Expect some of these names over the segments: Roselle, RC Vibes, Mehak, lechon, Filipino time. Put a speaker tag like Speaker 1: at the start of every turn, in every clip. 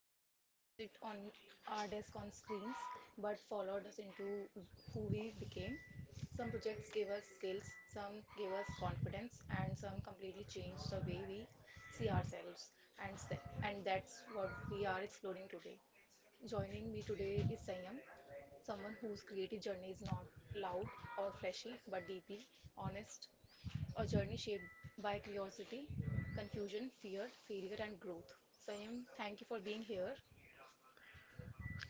Speaker 1: that did not just sit on our desk on screens but followed us into who we became. Some projects give us skills, some give us confidence, and some completely change the way we see ourselves. And, s- and that's what we are exploring today. Joining me today is Sayam, someone whose creative journey is not loud or flashy, but deeply honest, a journey shaped by curiosity, confusion, fear, failure, and growth. Sayam, thank you for being here.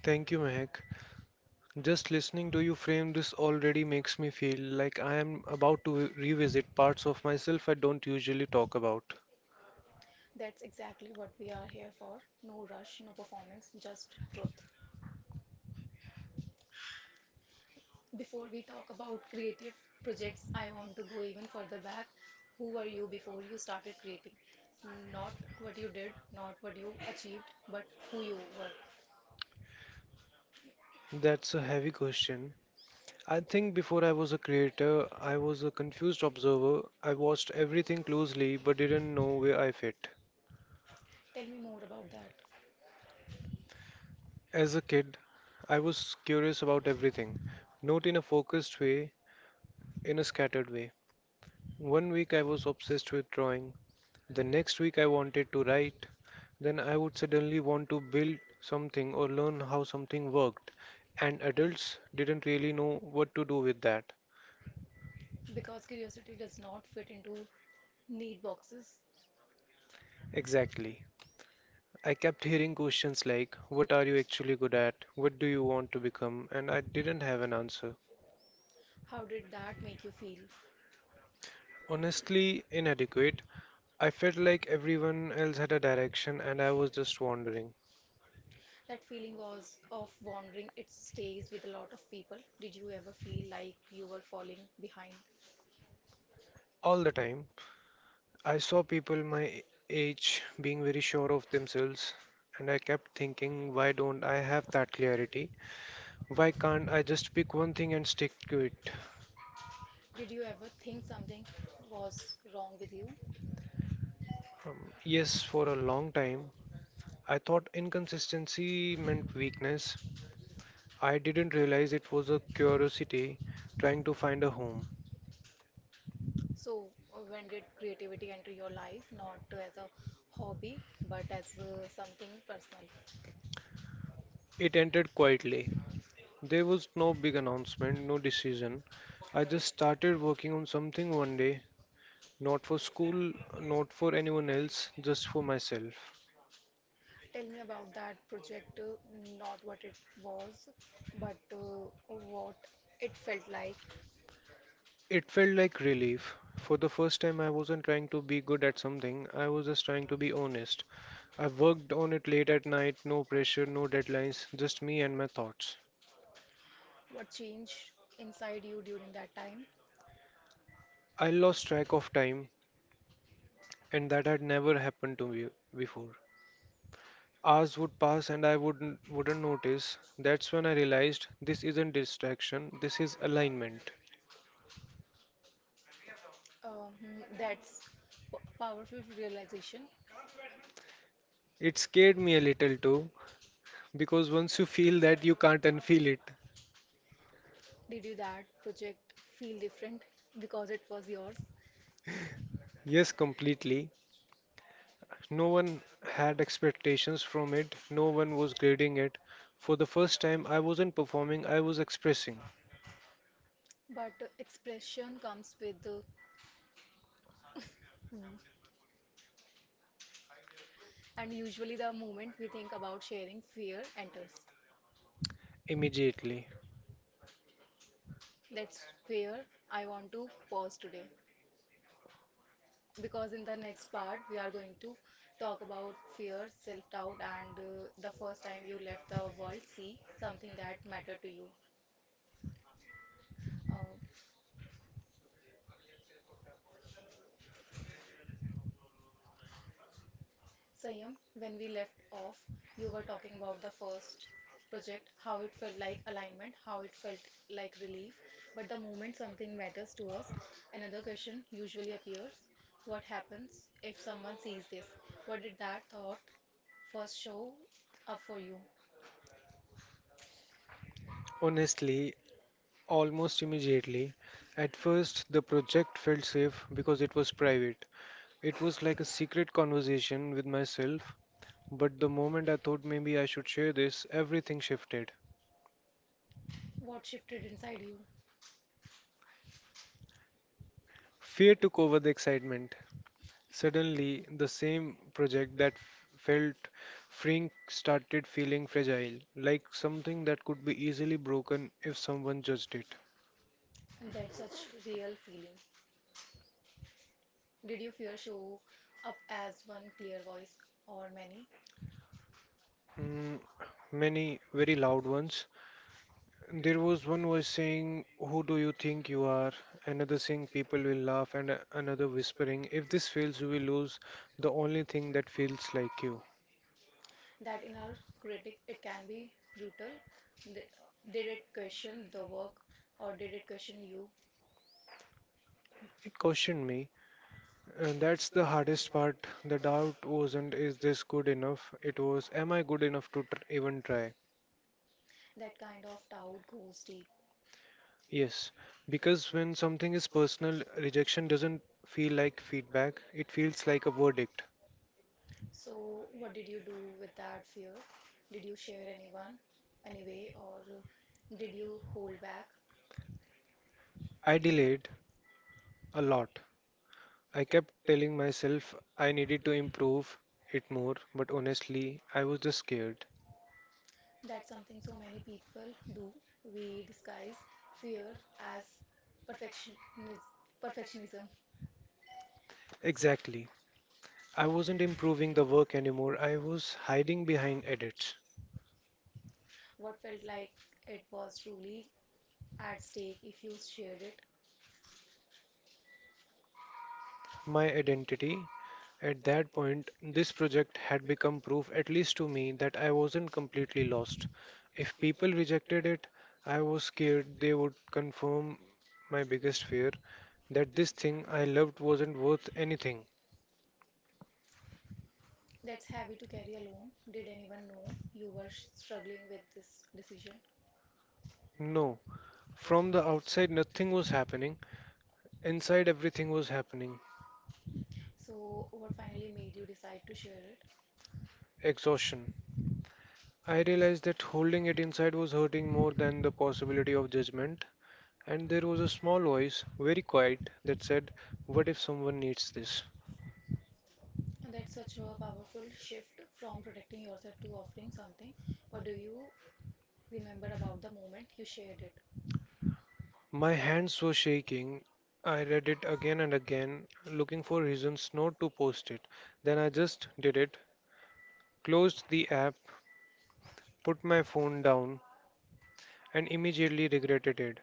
Speaker 2: Thank you, Mehak. Just listening to you frame this already makes me feel like I am about to revisit parts of myself I don't usually talk about.
Speaker 1: That's exactly what we are here for. No rush, no performance, just truth. Before we talk about creative projects, I want to go even further back. Who were you before you started creating? Not what you did, not what you achieved, but who you were.
Speaker 2: That's a heavy question. I think before I was a creator, I was a confused observer. I watched everything closely but didn't know where I fit.
Speaker 1: Tell me more about that.
Speaker 2: As a kid, I was curious about everything, not in a focused way, in a scattered way. One week I was obsessed with drawing. The next week I wanted to write, then I would suddenly want to build something or learn how something worked, and adults didn't really know what to do with that.
Speaker 1: Because curiosity does not fit into need boxes.
Speaker 2: Exactly. I kept hearing questions like, "What are you actually good at? What do you want to become?" And I didn't have an answer.
Speaker 1: How did that make you feel?
Speaker 2: Honestly, inadequate. I felt like everyone else had a direction and I was just wandering
Speaker 1: That feeling was of wandering. It stays with a lot of people. Did you ever feel like you were falling behind?
Speaker 2: all the time. I saw people my age being very sure of themselves, and I kept thinking, why don't I have that clarity? Why can't I just pick one thing and stick to it?
Speaker 1: Did you ever think something was wrong with you?
Speaker 2: Yes, for a long time, I thought inconsistency meant weakness. I didn't realize it was a curiosity trying to find a home.
Speaker 1: So, when did creativity enter your life, not as a hobby, but as something personal?
Speaker 2: It ended quietly. There was no big announcement, no decision. I just started working on something one day. Not for school, not for anyone else, just for myself.
Speaker 1: Tell me about that project, not what it was, but what it felt like,
Speaker 2: It felt like relief. For the first time, I wasn't trying to be good at something, I was just trying to be honest. I worked on it late at night, no pressure, no deadlines, just me and my thoughts.
Speaker 1: what changed inside you during that time.
Speaker 2: I lost track of time, and that had never happened to me before. Hours would pass and I wouldn't notice. That's when I realized this isn't distraction, this is alignment.
Speaker 1: That's powerful realization.
Speaker 2: It scared me a little too. Because once you feel that, you can't unfeel it.
Speaker 1: Did you that project feel different because it was yours?
Speaker 2: Yes, completely. No one had expectations from it, no one was grading it. For the first time, I wasn't performing, I was expressing
Speaker 1: But expression comes with and usually, the moment we think about sharing, fear enters.
Speaker 2: immediately.
Speaker 1: That's where I want to pause today. Because in the next part, we are going to talk about fear, self doubt, and the first time you left the world, see something that mattered to you. Uh, Sayam, when we left off, you were talking about the first project, how it felt like alignment, how it felt like relief. But the moment something matters to us, another question usually appears. What happens if someone sees this? What did that thought first show up for you?
Speaker 2: Honestly, almost immediately. At first, the project felt safe because it was private. It was like a secret conversation with myself. But the moment I thought maybe I should share this, everything shifted.
Speaker 1: What shifted inside you?
Speaker 2: Fear took over the excitement. Suddenly, the same project that felt freeing started feeling fragile, like something that could be easily broken if someone judged it.
Speaker 1: And that's such real feeling. Did you fear show up as one clear voice or many?
Speaker 2: Mm, many very loud ones. There was one voice saying, "Who do you think you are?" Another saying, "People will laugh," and another whispering, "If this fails, you will lose the only thing that feels like you."
Speaker 1: That in our critic it can be brutal. Th- Did it question the work or did it question you?
Speaker 2: It cautioned me. And that's the hardest part. The doubt wasn't, is this good enough? It was, am I good enough to even try?
Speaker 1: That kind of doubt goes deep.
Speaker 2: Yes, because when something is personal, rejection doesn't feel like feedback, it feels like a verdict.
Speaker 1: So, what did you do with that fear? Did you share anyone anyway, or did you hold back?
Speaker 2: I delayed a lot. I kept telling myself I needed to improve it more, but honestly, I was just scared.
Speaker 1: That's something so many people do. We disguise fear as perfectionism. Perfectionism.
Speaker 2: Exactly. I wasn't improving the work anymore, I was hiding behind edits.
Speaker 1: What felt like it was truly at stake if you shared it?
Speaker 2: My identity. At that point, this project had become proof, at least to me, that I wasn't completely lost. If people rejected it, I was scared they would confirm my biggest fear, that this thing I loved wasn't worth anything.
Speaker 1: That's heavy to carry alone. Did anyone know you were struggling with this decision?
Speaker 2: No, from the outside, nothing was happening. Inside, everything was happening.
Speaker 1: So, what finally made you decide to share it?
Speaker 2: Exhaustion. I realized that holding it inside was hurting more than the possibility of judgment. And there was a small voice, very quiet, that said, "What if someone needs this?"
Speaker 1: That's such a powerful shift from protecting yourself to offering something. What do you remember about the moment you shared it?
Speaker 2: My hands were shaking. I read it again and again, looking for reasons not to post it. Then I just did it, closed the app, put my phone down, and immediately regretted it.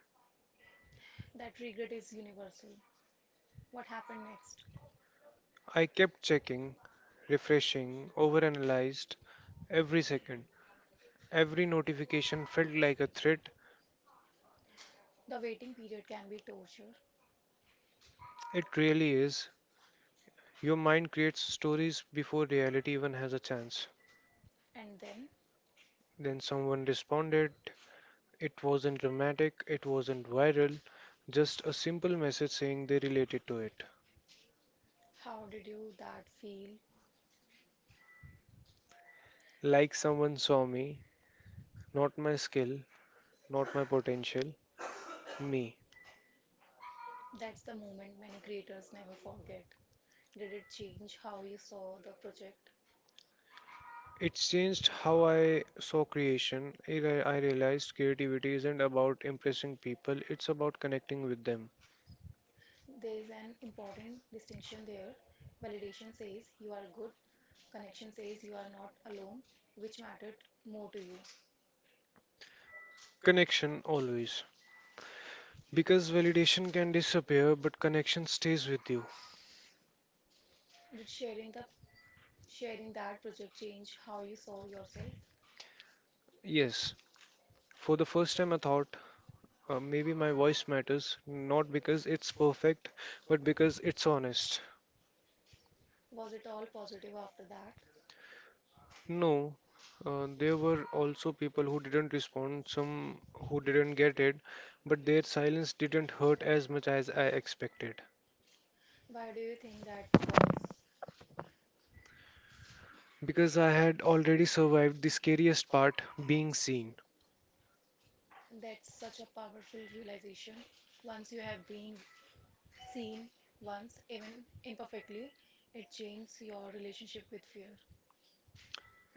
Speaker 1: That regret is universal. What happened next?
Speaker 2: I kept checking, refreshing, overanalyzed every second. Every notification felt like a threat.
Speaker 1: The waiting period can be torture.
Speaker 2: It really is. Your mind creates stories before reality even has a chance.
Speaker 1: And then,
Speaker 2: Then someone responded. It wasn't dramatic, it wasn't viral, just a simple message saying they related to it.
Speaker 1: how did you that feel?
Speaker 2: Like someone saw me, not my skill, not my potential, me.
Speaker 1: That's the moment many creators never forget. Did it change how you saw the project?
Speaker 2: It's changed how I saw creation. I realized creativity isn't about impressing people, it's about connecting with them.
Speaker 1: There is an important distinction there. Validation says you are good, connection says you are not alone, which mattered more to you?
Speaker 2: Connection always. Because validation can disappear, but connection stays with you.
Speaker 1: Did sharing that project change how you saw yourself?
Speaker 2: Yes, for the first time I thought, maybe my voice matters, not because it's perfect, but because it's honest.
Speaker 1: Was it all positive after that?
Speaker 2: No, there were also people who didn't respond, some who didn't get it, but their silence didn't hurt as much as I expected.
Speaker 1: Why do you think that was?
Speaker 2: Because I had already survived the scariest part, being seen.
Speaker 1: That's such a powerful realization. Once you have been seen once, even imperfectly, it changes your relationship with fear.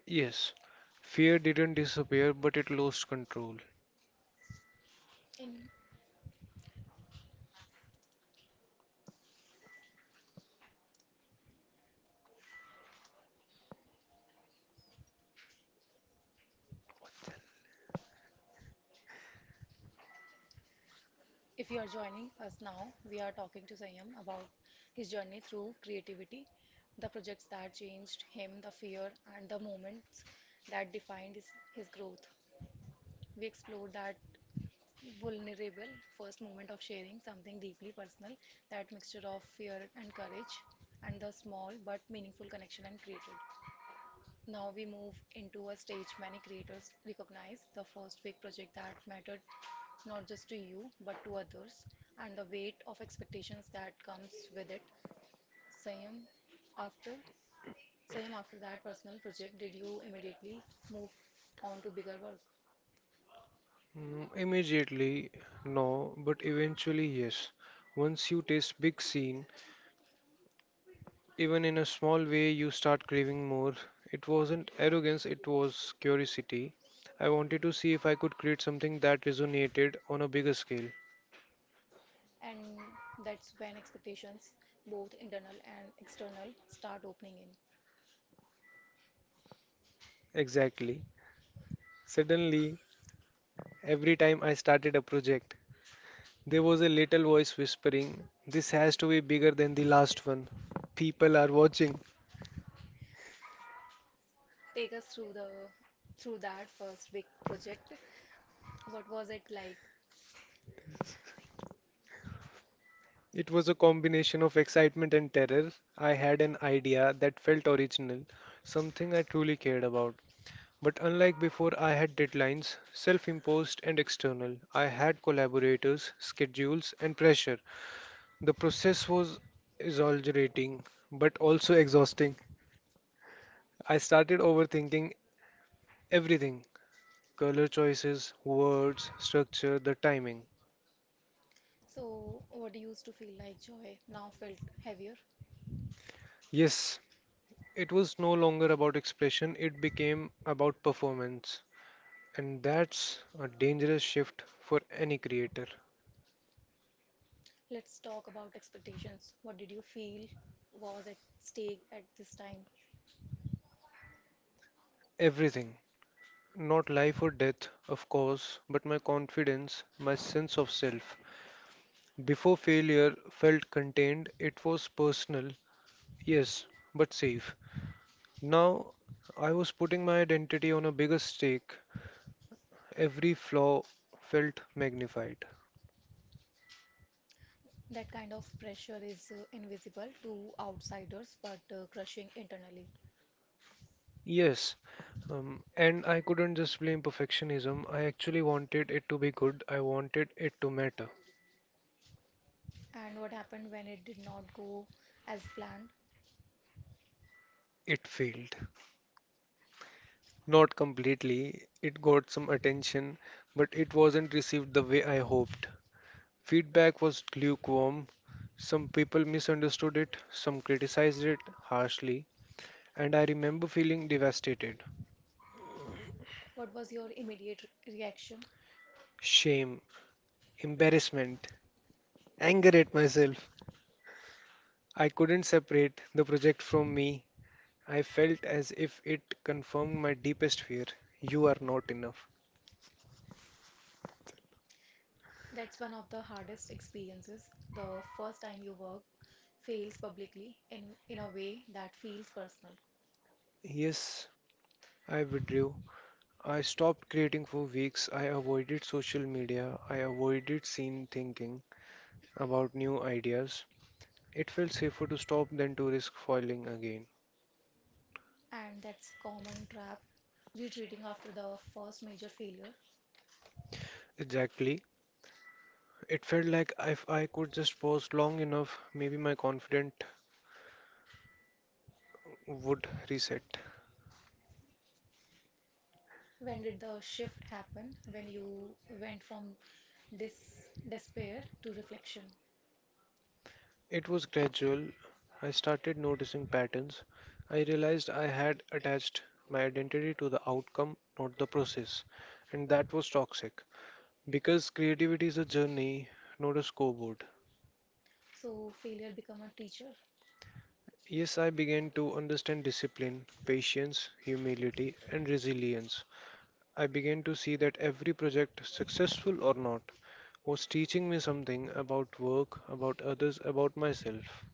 Speaker 2: Yes, fear didn't disappear, but it lost control.
Speaker 1: In If you are joining us now, we are talking to Sayam about his journey through creativity, the projects that changed him, the fear, and the moments that defined his growth. We explored that vulnerable first moment of sharing something deeply personal, that mixture of fear and courage, and the small but meaningful connection and created. Now we move into a stage many creators recognize the first big project that mattered not just to you but to others and the weight of expectations that comes with it. Sayam after Sayam, after that personal project, did you immediately move on to bigger work?
Speaker 2: Immediately, no, but eventually, yes. Once you taste big scene, even in a small way, you start craving more. It wasn't arrogance, it was curiosity. I wanted to see if I could create something that resonated on a bigger scale.
Speaker 1: And that's when expectations, both internal and external, start opening in.
Speaker 2: Exactly. Suddenly, every time I started a project, there was a little voice whispering, "This has to be bigger than the last one. People are watching."
Speaker 1: Take us through that first big project. What was it like?
Speaker 2: It was a combination of excitement and terror. I had an idea that felt original, something I truly cared about. But unlike before, I had deadlines, self imposed and external. I had collaborators, schedules, and pressure. The process was exhilarating, but also exhausting. I started overthinking everything, color choices, words, structure, the timing.
Speaker 1: So, what used to feel like joy now felt heavier.
Speaker 2: Yes, it was no longer about expression, it became about performance. And that's a dangerous shift for any creator.
Speaker 1: Let's talk about expectations. What did you feel was at stake at this time?
Speaker 2: Everything. Not life or death, of course, but my confidence, my sense of self. Before, failure felt contained, it was personal, yes, but safe. Now I was putting my identity on a bigger stake. Every flaw felt magnified.
Speaker 1: That kind of pressure is invisible to outsiders but crushing internally.
Speaker 2: Yes, and I couldn't just blame perfectionism. I actually wanted it to be good, I wanted it to matter.
Speaker 1: And what happened when it did not go as planned?
Speaker 2: It failed. Not completely. It got some attention, but it wasn't received the way I hoped. Feedback was lukewarm. Some people misunderstood it, some criticized it harshly, and I remember feeling devastated.
Speaker 1: What was your immediate reaction?
Speaker 2: Shame, embarrassment, anger at myself. I couldn't separate the project from me. I felt as if it confirmed my deepest fear, you are not enough.
Speaker 1: That's one of the hardest experiences. The first time you work fails publicly in a way that feels personal.
Speaker 2: Yes, I withdrew, I stopped creating for weeks. I avoided social media. I avoided scene thinking about new ideas. It felt safer to stop than to risk foiling again.
Speaker 1: And that's common trap, retreating after the first major failure.
Speaker 2: Exactly. It felt like if I could just pause long enough, maybe my confidence would reset.
Speaker 1: When did the shift happen? When you went from dis despair to reflection.
Speaker 2: It was gradual. I started noticing patterns. I realized I had attached my identity to the outcome, not the process. And that was toxic. Because creativity is a journey, not a scoreboard.
Speaker 1: So failure become a teacher.
Speaker 2: Yes, I began to understand discipline, patience, humility, and resilience. I began to see that every project, successful or not, was teaching me something about work, about others, about myself.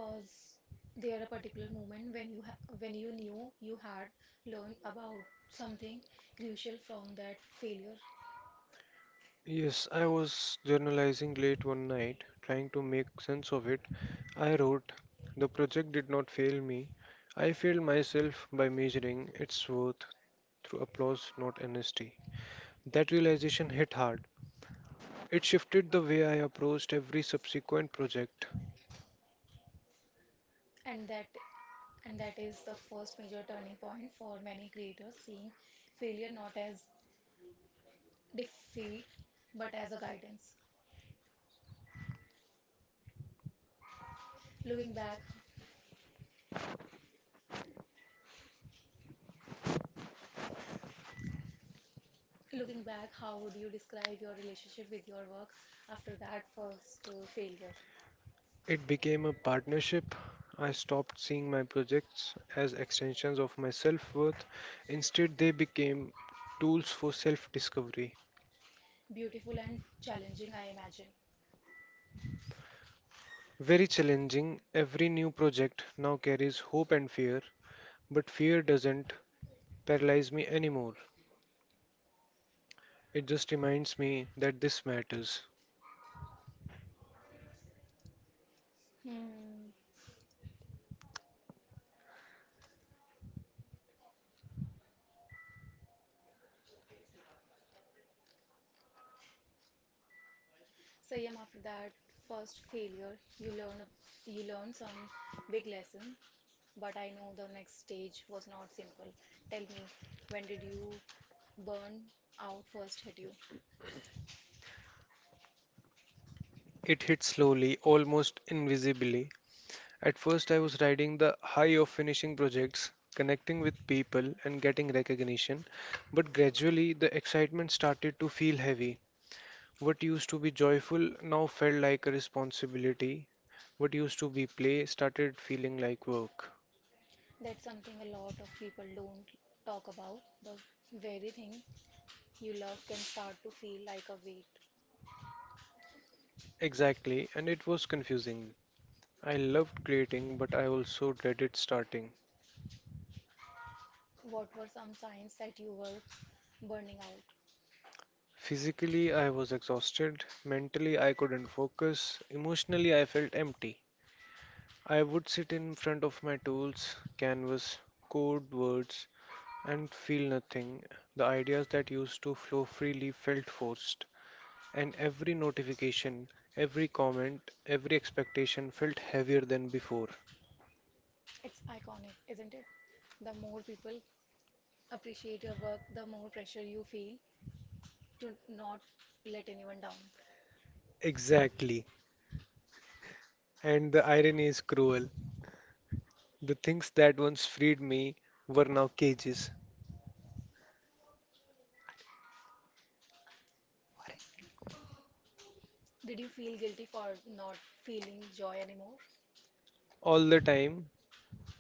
Speaker 1: Was there a particular moment when you ha when you knew you had learned about something crucial from that failure?
Speaker 2: Yes, I was journalizing late one night, trying to make sense of it. I wrote, "The project did not fail me. I failed myself by measuring its worth through applause, not honesty." That realization hit hard. It shifted the way I approached every subsequent project.
Speaker 1: And that and that is the first major turning point for many creators, seeing failure not as defeat but as a guidance. Looking back, looking back, how would you describe your relationship with your work after that first failure?
Speaker 2: It became a partnership. I stopped seeing my projects as extensions of my self worth. Instead, they became tools for self discovery.
Speaker 1: Beautiful and challenging, I imagine.
Speaker 2: Very challenging. Every new project now carries hope and fear, but fear doesn't paralyze me anymore. It just reminds me that this matters.
Speaker 1: Hmm. Sayam, after that first failure, you learn some big lesson, but I know the next stage was not simple. Tell me, when did you burn out first hit you?
Speaker 2: It hit slowly, almost invisibly. At first, I was riding the high of finishing projects, connecting with people, and getting recognition, but gradually the excitement started to feel heavy. What used to be joyful now felt like a responsibility. What used to be play started feeling like work.
Speaker 1: That's something a lot of people don't talk about. The very thing you love can start to feel like a weight.
Speaker 2: Exactly, and it was confusing. I loved creating, but I also dreaded starting.
Speaker 1: What were some signs that you were burning out?
Speaker 2: Physically, I was exhausted. Mentally, I couldn't focus. Emotionally, I felt empty. I would sit in front of my tools, canvas, code words, and feel nothing. The ideas that used to flow freely felt forced, and every notification, every comment, every expectation felt heavier than before.
Speaker 1: It's iconic, isn't it? The more people appreciate your work, the more pressure you feel to not let anyone down.
Speaker 2: Exactly. And the irony is cruel. The things that once freed me were now cages.
Speaker 1: Did you feel guilty for not feeling joy anymore?
Speaker 2: All the time,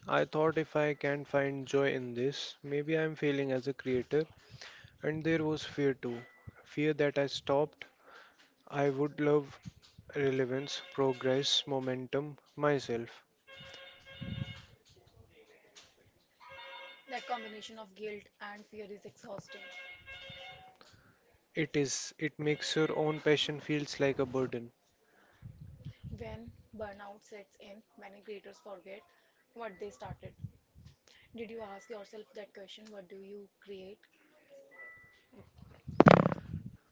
Speaker 2: I thought if I can't find joy in this, maybe I'm failing as a creator. And there was fear too, fear that I stopped. I would love relevance, progress, momentum myself.
Speaker 1: That combination of guilt and fear is exhausting.
Speaker 2: It is, it makes your own passion feels like a burden.
Speaker 1: When burnout sets in, many creators forget what they started. Did you ask yourself that question? What do you create?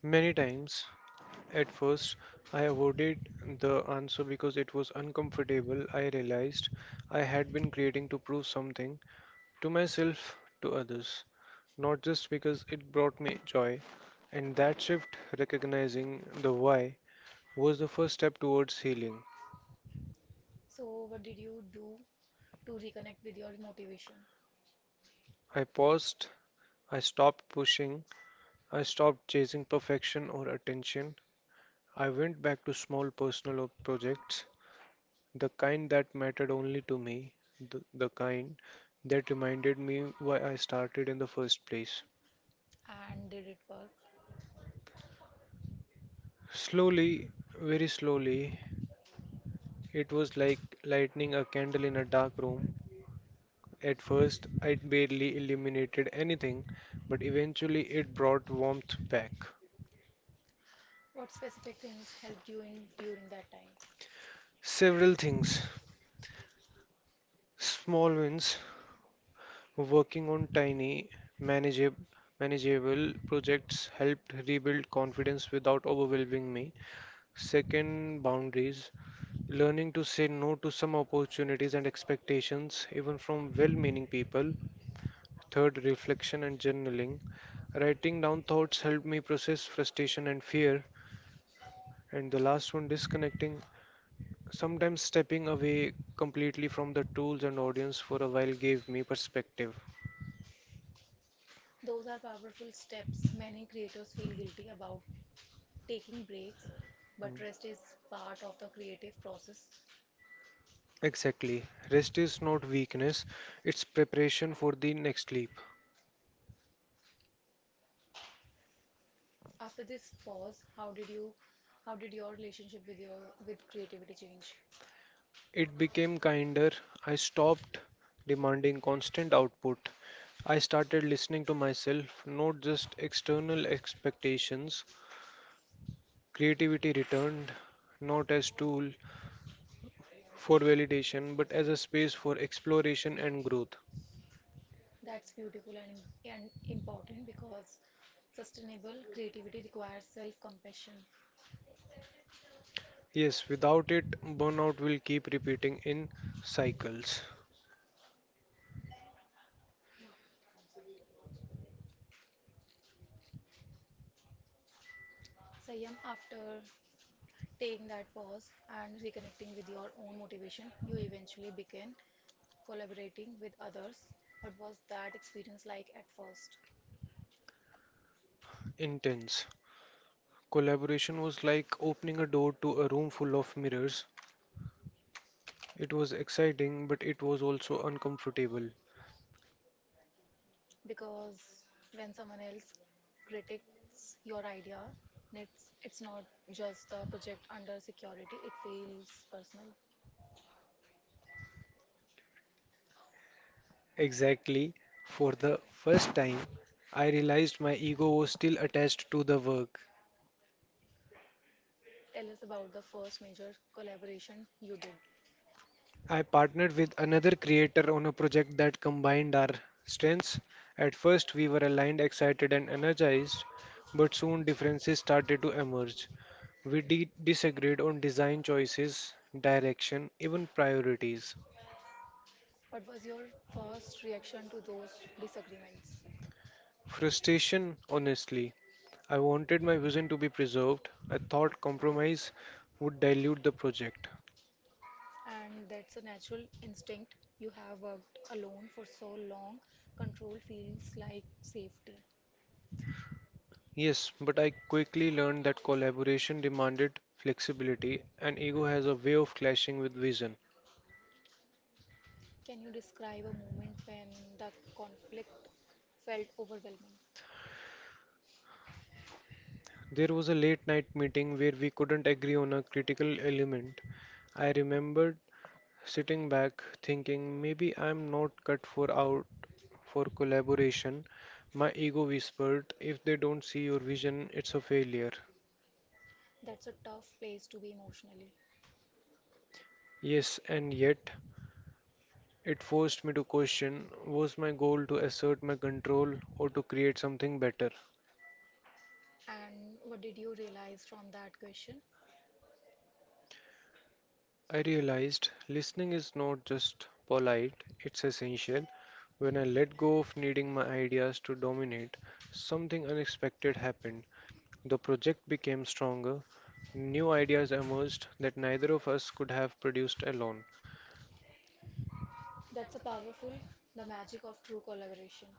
Speaker 2: Many times, at first, I avoided the answer because it was uncomfortable. I realized I had been creating to prove something, to myself, to others, not just because it brought me joy. And that shift, recognizing the why, was the first step towards healing.
Speaker 1: So, what did you do to reconnect with your motivation?
Speaker 2: I paused. I stopped pushing. I stopped chasing perfection or attention. I went back to small personal projects, the kind that mattered only to me, the kind that reminded me why I started in the first place.
Speaker 1: And did it work?
Speaker 2: Slowly, very slowly, it was like lighting a candle in a dark room. At first, I barely illuminated anything, but eventually it brought warmth back.
Speaker 1: What specific things helped you in during that time?
Speaker 2: Several things, small wins. Working on tiny, manageable, manageable projects helped rebuild confidence without overwhelming me. Second, boundaries. Learning to say no to some opportunities and expectations, even from well meaning people. Third, reflection and journaling. Writing down thoughts helped me process frustration and fear. And the last one, disconnecting. Sometimes stepping away completely from the tools and audience for a while gave me perspective.
Speaker 1: Those are powerful steps. Many creators feel guilty about taking breaks, but rest is part of the creative process.
Speaker 2: Exactly. Rest is not weakness, it's preparation for the next leap.
Speaker 1: After this pause, how did your relationship with creativity change?
Speaker 2: It became kinder. I stopped demanding constant output. I started listening to myself, not just external expectations. Creativity returned, not as tool for validation, but as a space for exploration and growth.
Speaker 1: That's beautiful and, and important because sustainable creativity requires self-compassion.
Speaker 2: Yes, without it, burnout will keep repeating in cycles.
Speaker 1: Sayam, after taking that pause and reconnecting with your own motivation, you eventually begin collaborating with others. What was that experience like at first?
Speaker 2: Intense. Collaboration was like opening a door to a room full of mirrors. It was exciting, but it was also uncomfortable.
Speaker 1: Because when someone else critiques your idea, it's not just a project under security, it feels personal.
Speaker 2: Exactly. For the first time, I realized my ego was still attached to the work.
Speaker 1: Tell us about the first major collaboration you did.
Speaker 2: I partnered with another creator on a project that combined our strengths. At first, we were aligned, excited, and energized, but soon differences started to emerge. We disagreed on design choices, direction, even priorities.
Speaker 1: What was your first reaction to those disagreements?
Speaker 2: Frustration, honestly. I wanted my vision to be preserved. I thought compromise would dilute the project.
Speaker 1: And that's a natural instinct. You have worked alone for so long, control feels like safety.
Speaker 2: Yes, but I quickly learned that collaboration demanded flexibility, and ego has a way of clashing with vision.
Speaker 1: Can you describe a moment when the conflict felt overwhelming?
Speaker 2: There was a late night meeting where we couldn't agree on a critical element. I remembered sitting back thinking maybe I'm not cut for out for collaboration. My ego whispered, if they don't see your vision, it's a failure.
Speaker 1: That's a tough place to be emotionally.
Speaker 2: Yes, and yet it forced me to question, was my goal to assert my control or to create something better?
Speaker 1: And what did you realize from that question?
Speaker 2: I realized listening is not just polite, it's essential. When I let go of needing my ideas to dominate, something unexpected happened. The project became stronger, new ideas emerged that neither of us could have produced alone.
Speaker 1: That's a powerful, the magic of true collaboration.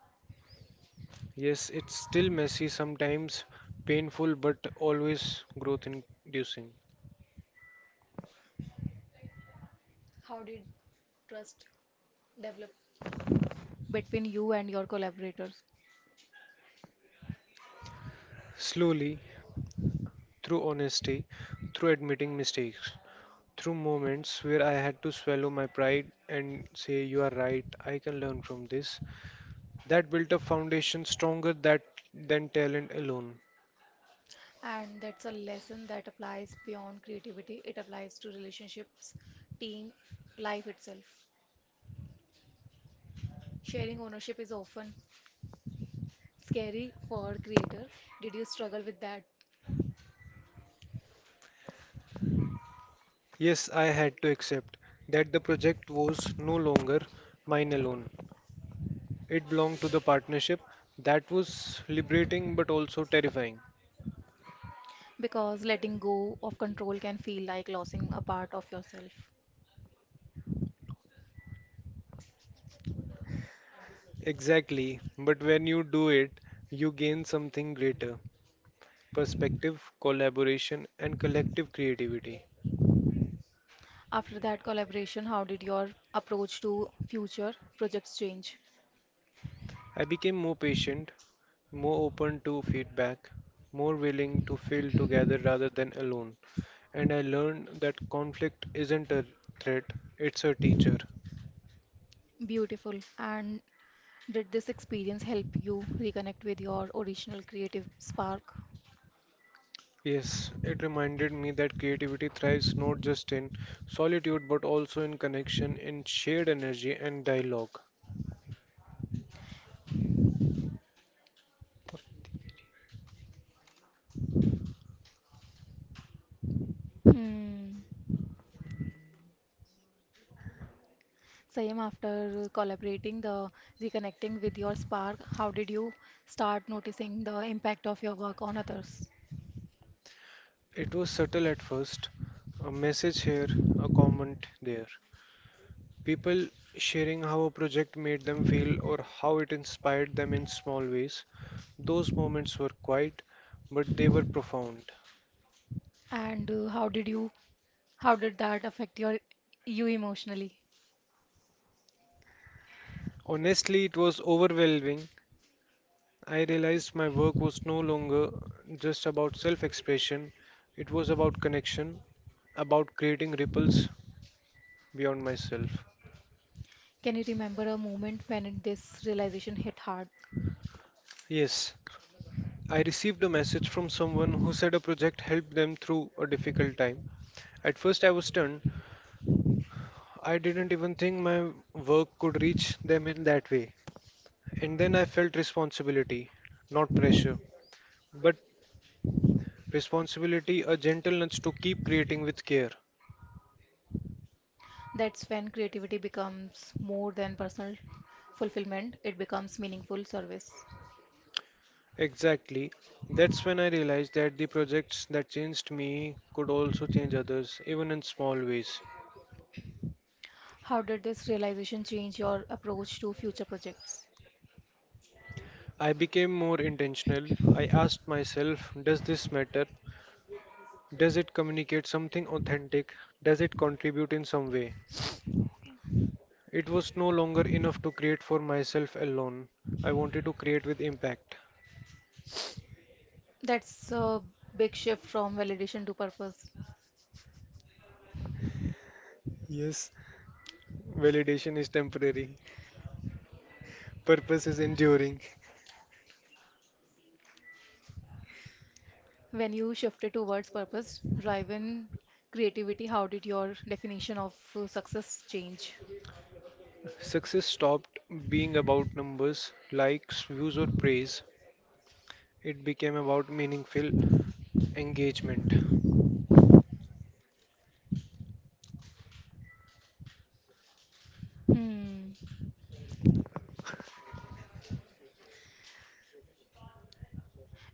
Speaker 2: Yes, it's still messy, sometimes painful, but always growth inducing.
Speaker 1: How did trust develop between you and your collaborators?
Speaker 2: Slowly, through honesty, through admitting mistakes, through moments where I had to swallow my pride and say, "You are right, I can learn from this." That built a foundation stronger that, than talent alone.
Speaker 1: And that's a lesson that applies beyond creativity, it applies to relationships, team, life itself. Sharing ownership is often scary for creator. Did you struggle with that?
Speaker 2: Yes, I had to accept that the project was no longer mine alone. It belonged to the partnership. That was liberating but also terrifying.
Speaker 1: Because letting go of control can feel like losing a part of yourself.
Speaker 2: Exactly, but when you do it, you gain something greater, perspective, collaboration, and collective creativity.
Speaker 1: After that collaboration, how did your approach to future projects change?
Speaker 2: I became more patient, more open to feedback, more willing to feel together rather than alone. And I learned that conflict isn't a threat, it's a teacher.
Speaker 1: Beautiful. And did this experience help you reconnect with your original creative spark?
Speaker 2: Yes, it reminded me that creativity thrives not just in solitude but also in connection, in shared energy and dialogue.
Speaker 1: Hmm. Same after collaborating the reconnecting with your spark, how did you start noticing the impact of your work on others?
Speaker 2: It was subtle at first, a message here, a comment there, people sharing how a project made them feel or how it inspired them in small ways. Those moments were quiet, but they were profound.
Speaker 1: And how did you how did that affect your you emotionally?
Speaker 2: Honestly, it was overwhelming. I realized my work was no longer just about self expression, it was about connection, about creating ripples beyond myself.
Speaker 1: Can you remember a moment when this realization hit hard?
Speaker 2: Yes, I received a message from someone who said a project helped them through a difficult time. At first, I was stunned. I didn't even think my work could reach them in that way. And then I felt responsibility, not pressure, but responsibility, a gentleness to keep creating with care.
Speaker 1: That's when creativity becomes more than personal fulfillment, it becomes meaningful service.
Speaker 2: Exactly. That's when I realized that the projects that changed me could also change others, even in small ways.
Speaker 1: How did this realization change your approach to future projects?
Speaker 2: I became more intentional. I asked myself, does this matter? Does it communicate something authentic? Does it contribute in some way? It was no longer enough to create for myself alone. I wanted to create with impact.
Speaker 1: That's a big shift from validation to purpose.
Speaker 2: Yes, validation is temporary, purpose is enduring.
Speaker 1: When you shifted towards purpose driven creativity, how did your definition of success change?
Speaker 2: Success stopped being about numbers, likes, views, or praise. It became about meaningful engagement.
Speaker 1: Hmm.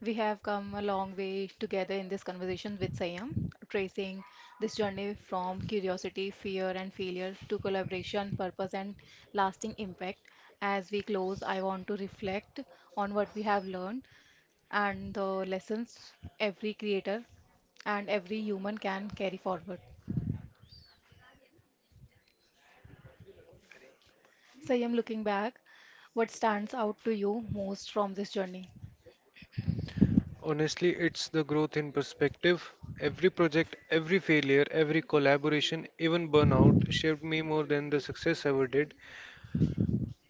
Speaker 1: We have come a long way together in this conversation with Sayam, tracing this journey from curiosity, fear, and failure to collaboration, purpose, and lasting impact. As we close, I want to reflect on what we have learned and the lessons every creator and every human can carry forward. Sayam, looking back, what stands out to you most from this journey?
Speaker 2: Honestly, it's the growth in perspective. Every project, every failure, every collaboration, even burnout shaped me more than the success ever did.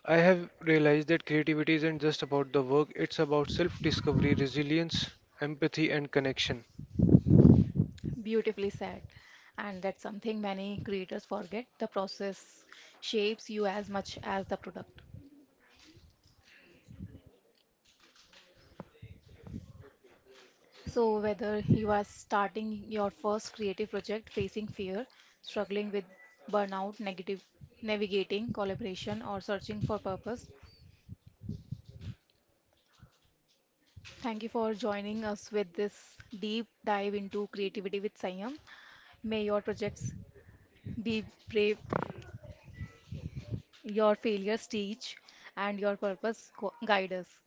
Speaker 2: I have realized that creativity isn't just about the work, it's about self discovery, resilience, empathy, and connection.
Speaker 1: Beautifully said. And that's something many creators forget. The process shapes you as much as the product. So, whether you are starting your first creative project, facing fear, struggling with burnout, negative, navigating collaboration, or searching for purpose, thank you for joining us with this deep dive into creativity with Sayam. May your projects be brave, your failures teach, and your purpose guide us.